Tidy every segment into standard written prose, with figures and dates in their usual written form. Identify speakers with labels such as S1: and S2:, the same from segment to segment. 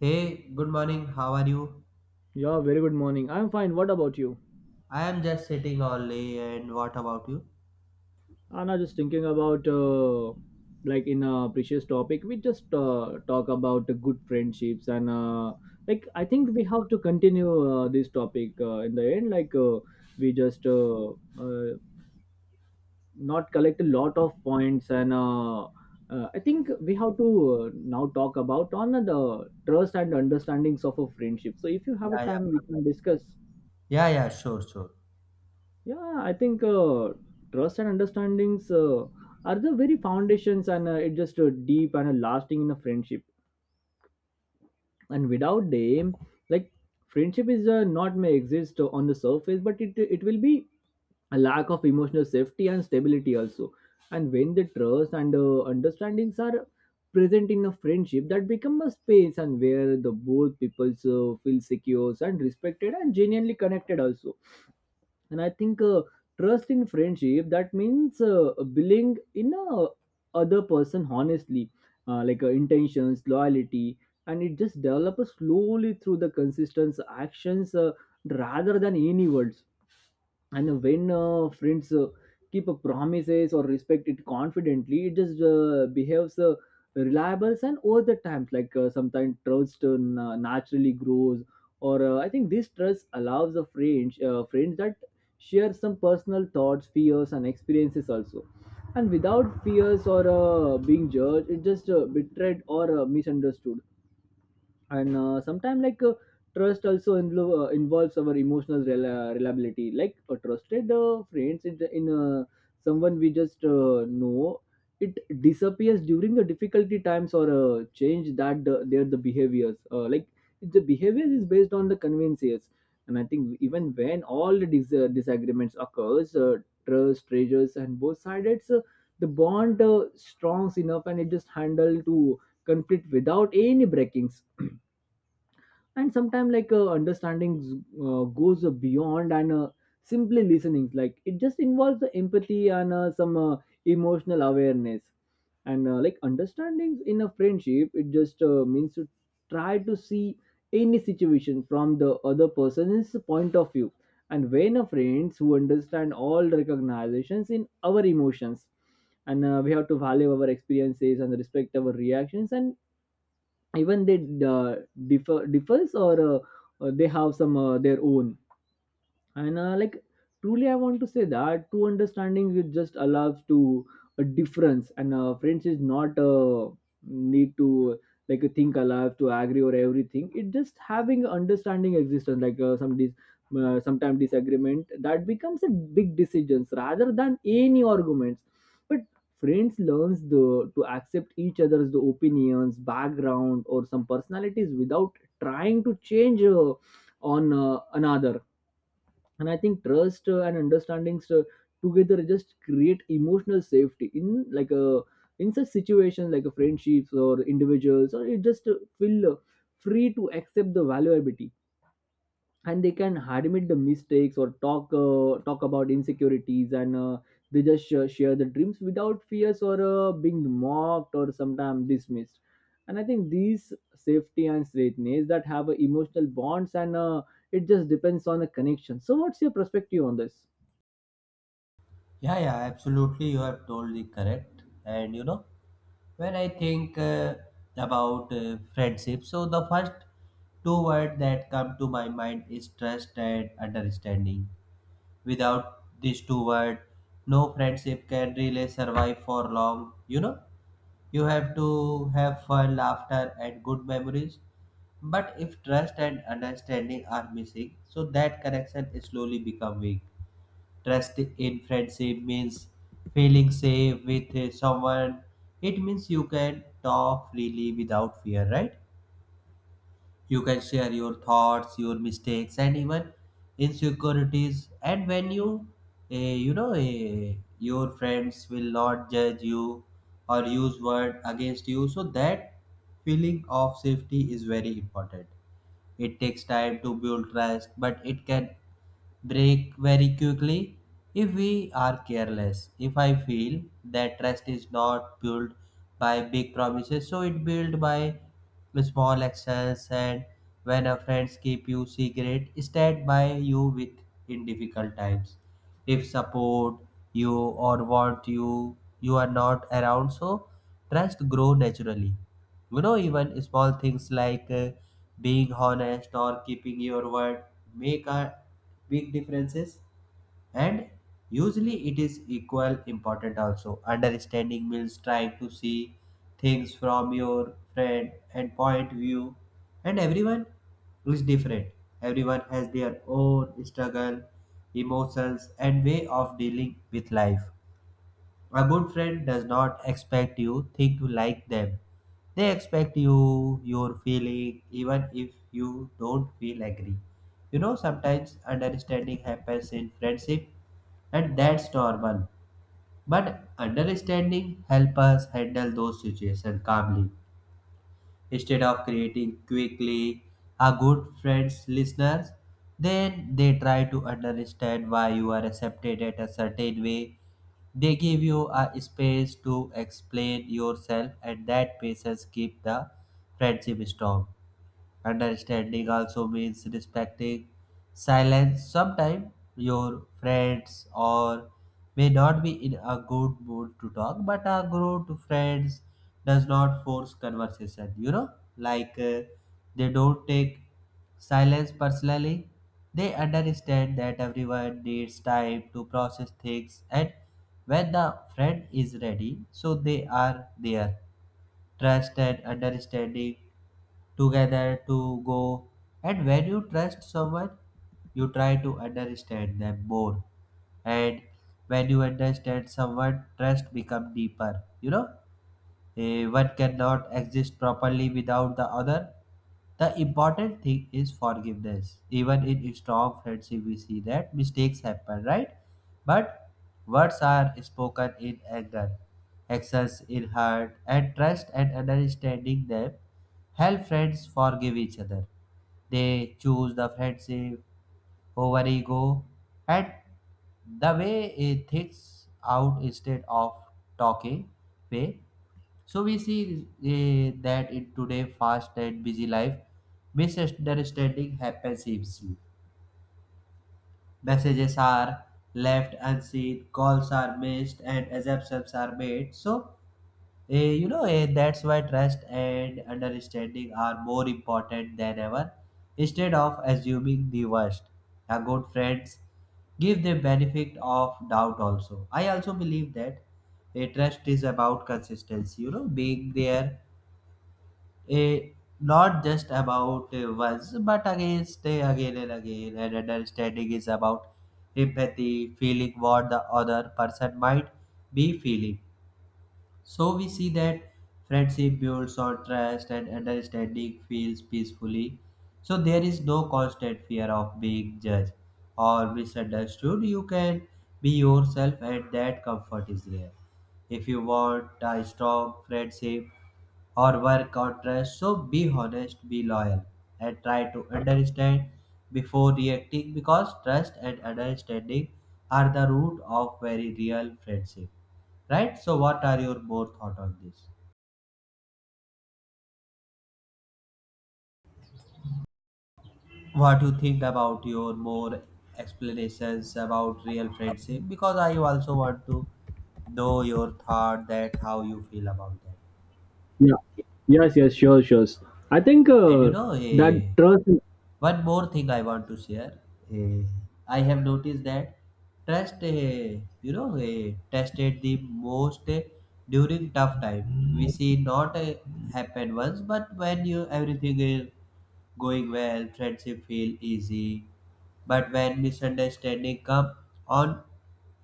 S1: Hey, good morning. How are you?
S2: Yeah, very good morning. I'm fine. What about you?
S1: I am just sitting all day and what about you?
S2: I'm not just thinking about like in a precious topic. We just talk about the good friendships and like I think we have to continue this topic in the end. We just uh, not collect a lot of points and I think we have to now talk about on the trust and understandings of a friendship. So if you have a
S1: Yeah, yeah.
S2: time, we can discuss.
S1: Yeah, yeah, sure, sure.
S2: Yeah, I think trust and understandings are the very foundations, and it just deep and lasting in a friendship. And without them, like friendship is not may exist on the surface, but it will be a lack of emotional safety and stability also. And when the trust and understandings are present in a friendship, that become a space and where the both peoples feel secure and respected and genuinely connected also, and I think trust in friendship that means believing in a other person honestly, intentions loyalty, and it just develops slowly through the consistent actions rather than any words. And when friends keep a promises or respect it confidently, it just behaves reliable and over the times, sometimes trust naturally grows, or I think this trust allows the friends friends that share some personal thoughts, fears and experiences also, and without fears or being judged, it just betrayed or misunderstood. And sometimes like trust also involves our emotional reliability, like a trusted friends in someone we just know, it disappears during the difficulty times or change that the, their the behaviors, like the behavior is based on the conveniences. And I think even when all the disagreements occurs, trust treasures and both sides, the bond strong enough and it just handle to conflict without any breakings. And sometimes understanding goes beyond and simply listening, like it just involves the empathy and some emotional awareness. And like understanding in a friendship, it just means to try to see any situation from the other person's point of view. And when a friends who understand all recognizations in our emotions, and we have to value our experiences and respect our reactions, and even they differs or they have some their own. And like truly I want to say that true understanding, it just allows to a difference, and friends is not need to like think alive to agree or everything, it just having understanding existence, sometime disagreement that becomes a big decisions rather than any arguments. But friends learns the to accept each other's the opinions, background or some personalities without trying to change on another. And I think trust and understandings together just create emotional safety in like a in such situations like a friendships or individuals, or you just feel free to accept the valuability, and they can admit the mistakes or talk about insecurities and they just share the dreams without fears or being mocked or sometimes dismissed. And I think these safety and straightness that have emotional bonds and it just depends on the connection. So what's your perspective on this?
S1: Yeah, yeah, absolutely. You have told the correct. And you know, when I think about friendship, so the first two words that come to my mind is trust and understanding. Without these two words, no friendship can really survive for long, you know? You have to have fun, laughter, and good memories. But if trust and understanding are missing, so that connection is slowly become weak. Trust in friendship means feeling safe with someone. It means you can talk freely without fear, right? You can share your thoughts, your mistakes, and even insecurities. And when you, your friends will not judge you or use word against you. So that feeling of safety is very important. It takes time to build trust, but it can break very quickly if we are careless. If I feel that trust is not built by big promises, so it built by small actions and when a friends keep you secret, stand by you with in difficult times. If support you or want you, you are not around, so trust grow naturally. You know, even small things like being honest or keeping your word make a big differences. And usually it is equal important also. Understanding means trying to see things from your friend and point view, and everyone is different. Everyone has their own struggle, emotions, and way of dealing with life. A good friend does not expect you think you like them. They expect you your feeling even if you don't feel agree. You know, sometimes understanding happens in friendship and that's normal. But understanding help us handle those situations calmly instead of creating quickly. A good friends listeners, then they try to understand why you are accepted at a certain way. They give you a space to explain yourself and that patience keep the friendship strong. Understanding also means respecting silence. Sometimes your friends or may not be in a good mood to talk, but a good friends does not force conversation. You know, like they don't take silence personally. They understand that everyone needs time to process things, and when the friend is ready, so they are there. Trust and understanding together to go. And when you trust someone, you try to understand them more. And when you understand someone, trust become deeper. You know, one cannot exist properly without the other. The important thing is forgiveness. Even in a strong friendship, we see that mistakes happen, right? But words are spoken in anger, actions in hurt, and trust and understanding them help friends forgive each other. They choose the friendship over ego, and the way it thinks out instead of talking way. So we see that in today fast and busy life, misunderstanding happens easily. Messages are left unseen, calls are missed, and assumptions are made. So that's why trust and understanding are more important than ever. Instead of assuming the worst, a good friends give the benefit of doubt also. I also believe that a trust is about consistency. You know, being there, a not just about once but against stay again and again. And understanding is about empathy, feeling what the other person might be feeling. So we see that friendship builds on trust and understanding feels peacefully, so there is no constant fear of being judged or misunderstood. You can be yourself and that comfort is there. If you want a strong friendship or work or trust, so be honest, be loyal, and try to understand before reacting, because trust and understanding are the root of very real friendship. Right? So what are your more thought on this? What you think about your more explanations about real friendship? Because I also want to know your thought that how you feel about that.
S2: Yeah, yes, yes, sure, sure. I think
S1: And you know,
S2: that trust.
S1: one more thing I want to share. Eh, I have noticed that trust, tested the most during tough time. We see not happen once, but when you everything is going well, friendship feel easy. But when misunderstanding come on,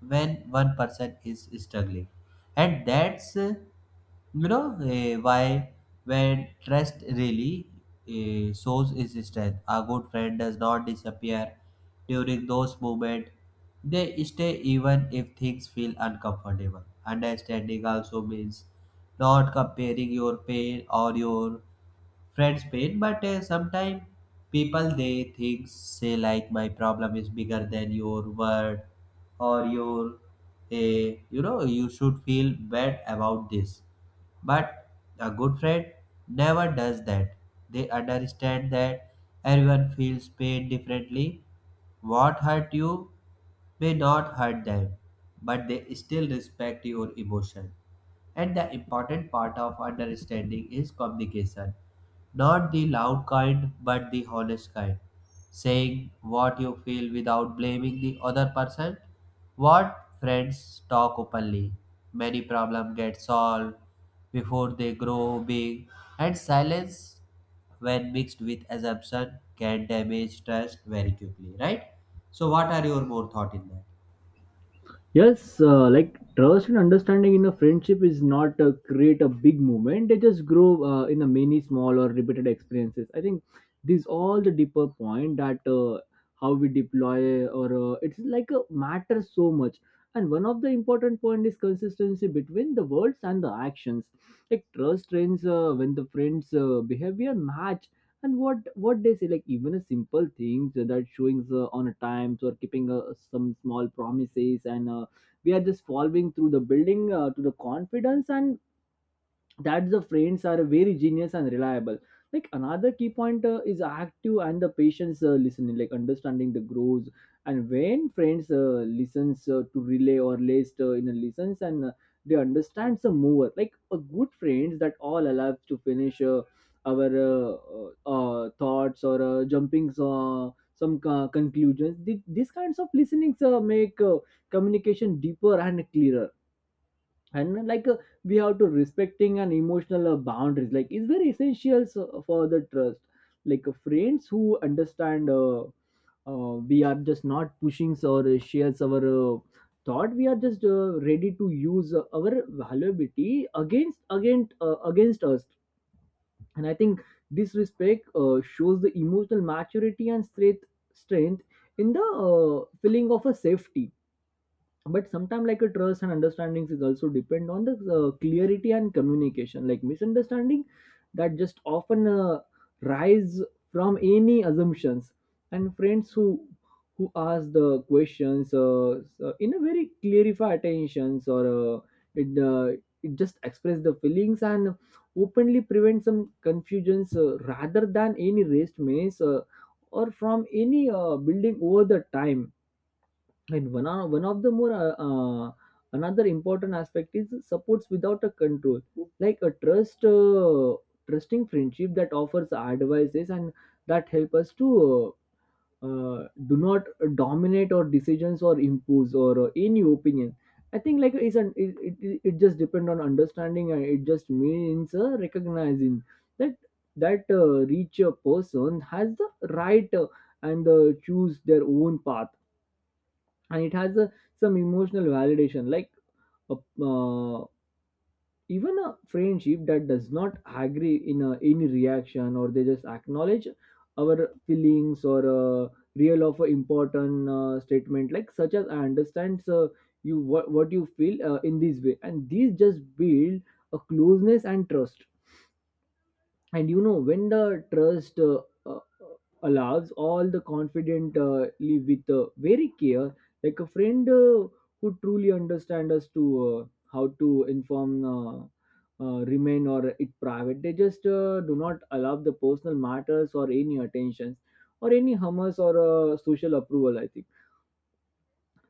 S1: when one person is struggling, and that's why when trust really shows its strength. A good friend does not disappear during those moments. They stay even if things feel uncomfortable. Understanding also means not comparing your pain or your friend's pain, but sometimes people they think say like my problem is bigger than your word or your uh, you know you should feel bad about this. But a good friend never does that. They understand that everyone feels pain differently. What hurt you may not hurt them, but they still respect your emotion. And the important part of understanding is communication, not the loud kind but the honest kind. Saying what you feel without blaming the other person. What friends talk openly, many problems get solved before they grow big, and silence, when mixed with assumption, can damage trust very quickly. Right? So, what are your more thought in that?
S2: Yes, like trust and understanding in a friendship is not create a big movement. They just grow in a many small or repeated experiences. I think these all the deeper point that how we deploy or it's like a matters so much. And one of the important point is consistency between the words and the actions. Like trust trains when the friends' behavior match and what they say. Like even a simple things that showing on a times or keeping some small promises and. We are just following through the building to the confidence and that the friends are very genius and reliable. Like another key point is active and the patience listening, like understanding the grows. And when friends listens to relay or list in a listens and they understand the mover, like a good friends that all allows to finish our thoughts or jumping conclusions. These kinds of listenings make communication deeper and clearer. And we have to respecting an emotional boundaries like is very essential for the trust. Friends who understand, we are just not pushing or shares our thought, we are just ready to use our valuability against us. And I think this respect shows the emotional maturity and strength in the feeling of a safety. But sometimes like a trust and understandings is also depend on the clarity and communication, like misunderstanding that just often rise from any assumptions. And friends who ask the questions so in a very clarify attentions or it uh, it just express the feelings and openly prevent some confusions rather than any raised maze, or from any building over the time. And one of the more uh, another important aspect is supports without a control, like a trust, trusting friendship that offers advices and that help us to do not dominate our decisions or impose or any opinion. I think like it's an, it just depends on understanding, and it just means recognizing that that reach a person has the right and choose their own path. And it has a some emotional validation, a, uh, even a friendship that does not agree in a any reaction, or they just acknowledge our feelings or uh, real of a important statement, like such as I understand sir, you what you feel in this way, and these just build a closeness and trust. And you know when the trust uh, allows all the confident live with very care, like a friend who truly understand us to how to inform remain or it private, they just do not allow the personal matters or any attentions or any hummus or social approval. I think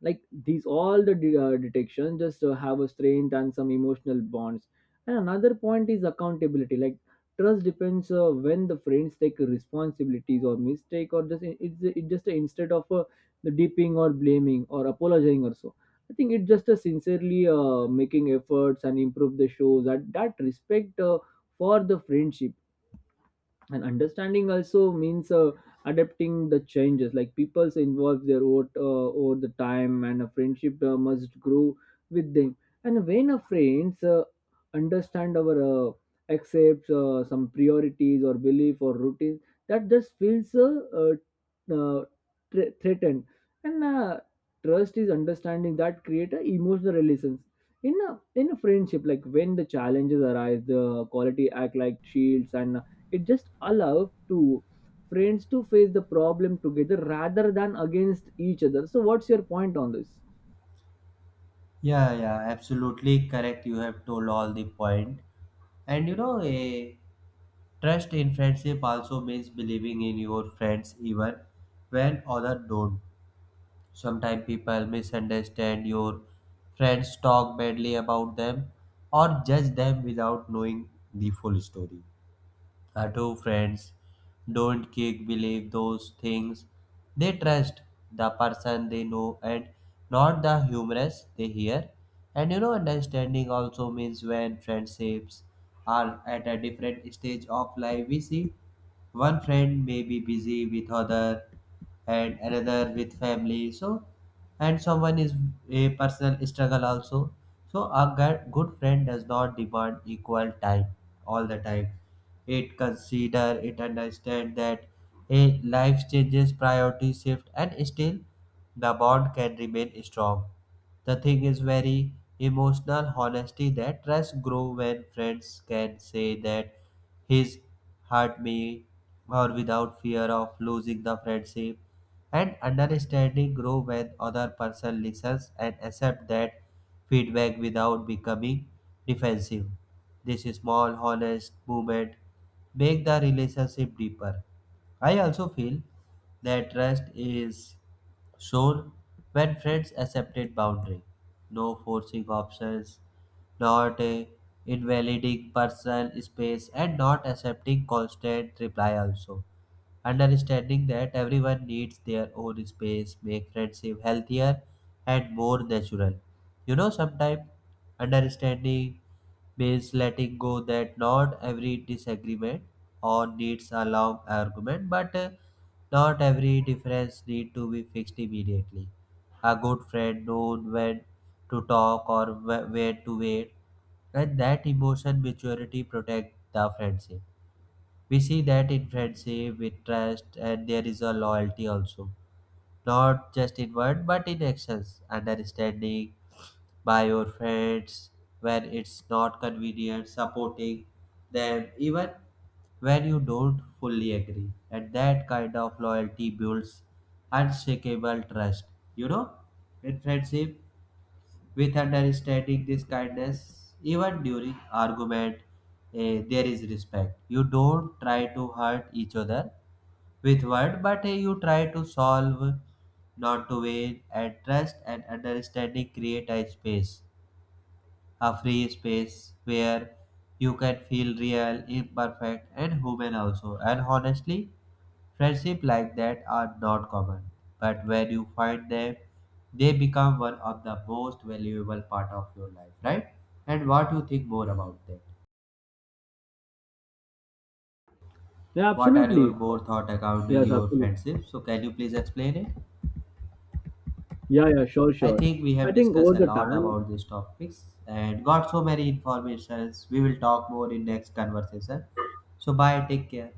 S2: like these all the detection just have a strength and some emotional bonds. And another point is accountability, like trust depends when the friends take responsibilities or mistake, or just it just instead of the dipping or blaming or apologizing or so, I think it just sincerely making efforts and improve the shows that that respect for the friendship. And understanding also means adapting the changes, like people's involve their own over the time, and a friendship must grow with them. And when a friends understand our accepts some priorities or belief or routines, that just feels threatened. And trust is understanding that create a emotional relations in a friendship, like when the challenges arise the quality act like shields and it just allows to friends to face the problem together rather than against each other. So what's your point on this?
S1: Yeah, yeah, absolutely correct. You have told all the point. And you know, a trust in friendship also means believing in your friends even when others don't. Sometimes people misunderstand your friends, talk badly about them, or judge them without knowing the full story. Adho friends don't kick believe those things. They trust the person they know and not the humorous they hear. And you know, understanding also means when friendships are at a different stage of life, we see one friend may be busy with other and another with family. So and someone is a personal struggle also, so a good friend does not demand equal time all the time. It consider it understand that a life changes priority shift, and still the bond can remain strong. The thing is very emotional honesty, that trust grow when friends can say that his hurt me or without fear of losing the friendship, and understanding grow when other person listens and accept that feedback without becoming defensive. This small honest movement make the relationship deeper. I also feel that trust is shown when friends accepted boundary, no forcing options, not a invalidating personal space, and not accepting constant reply also. Understanding that everyone needs their own space make friendship healthier and more natural. You know, sometimes understanding means letting go, that not every disagreement or needs a long argument, but not every difference need to be fixed immediately. A good friend knows when to talk or when to wait, and that emotion maturity protects the friendship. We see that in friendship, with trust, and there is a loyalty also. Not just in word, but in actions. Understanding by your friends when it's not convenient, supporting them even when you don't fully agree. And that kind of loyalty builds unshakable trust. You know, in friendship, with understanding this kindness even during argument, there is respect. You don't try to hurt each other with word, but you try to solve, not to win. And trust and understanding create a space, a free space where you can feel real, imperfect, and human also. And honestly, friendships like that are not common, but when you find them, they become one of the most valuable part of your life, right? And what you think more about that?
S2: Yeah,
S1: What are your
S2: absolutely.
S1: more thought accounting
S2: Yes,
S1: your
S2: absolutely.
S1: friendship? So can you please explain it?
S2: Yeah, yeah, sure,
S1: I
S2: sure.
S1: think we
S2: I
S1: have
S2: think
S1: discussed
S2: over
S1: a
S2: the
S1: lot
S2: time,
S1: about these topics and got so many informations. We will talk more in next conversation. So bye, take care.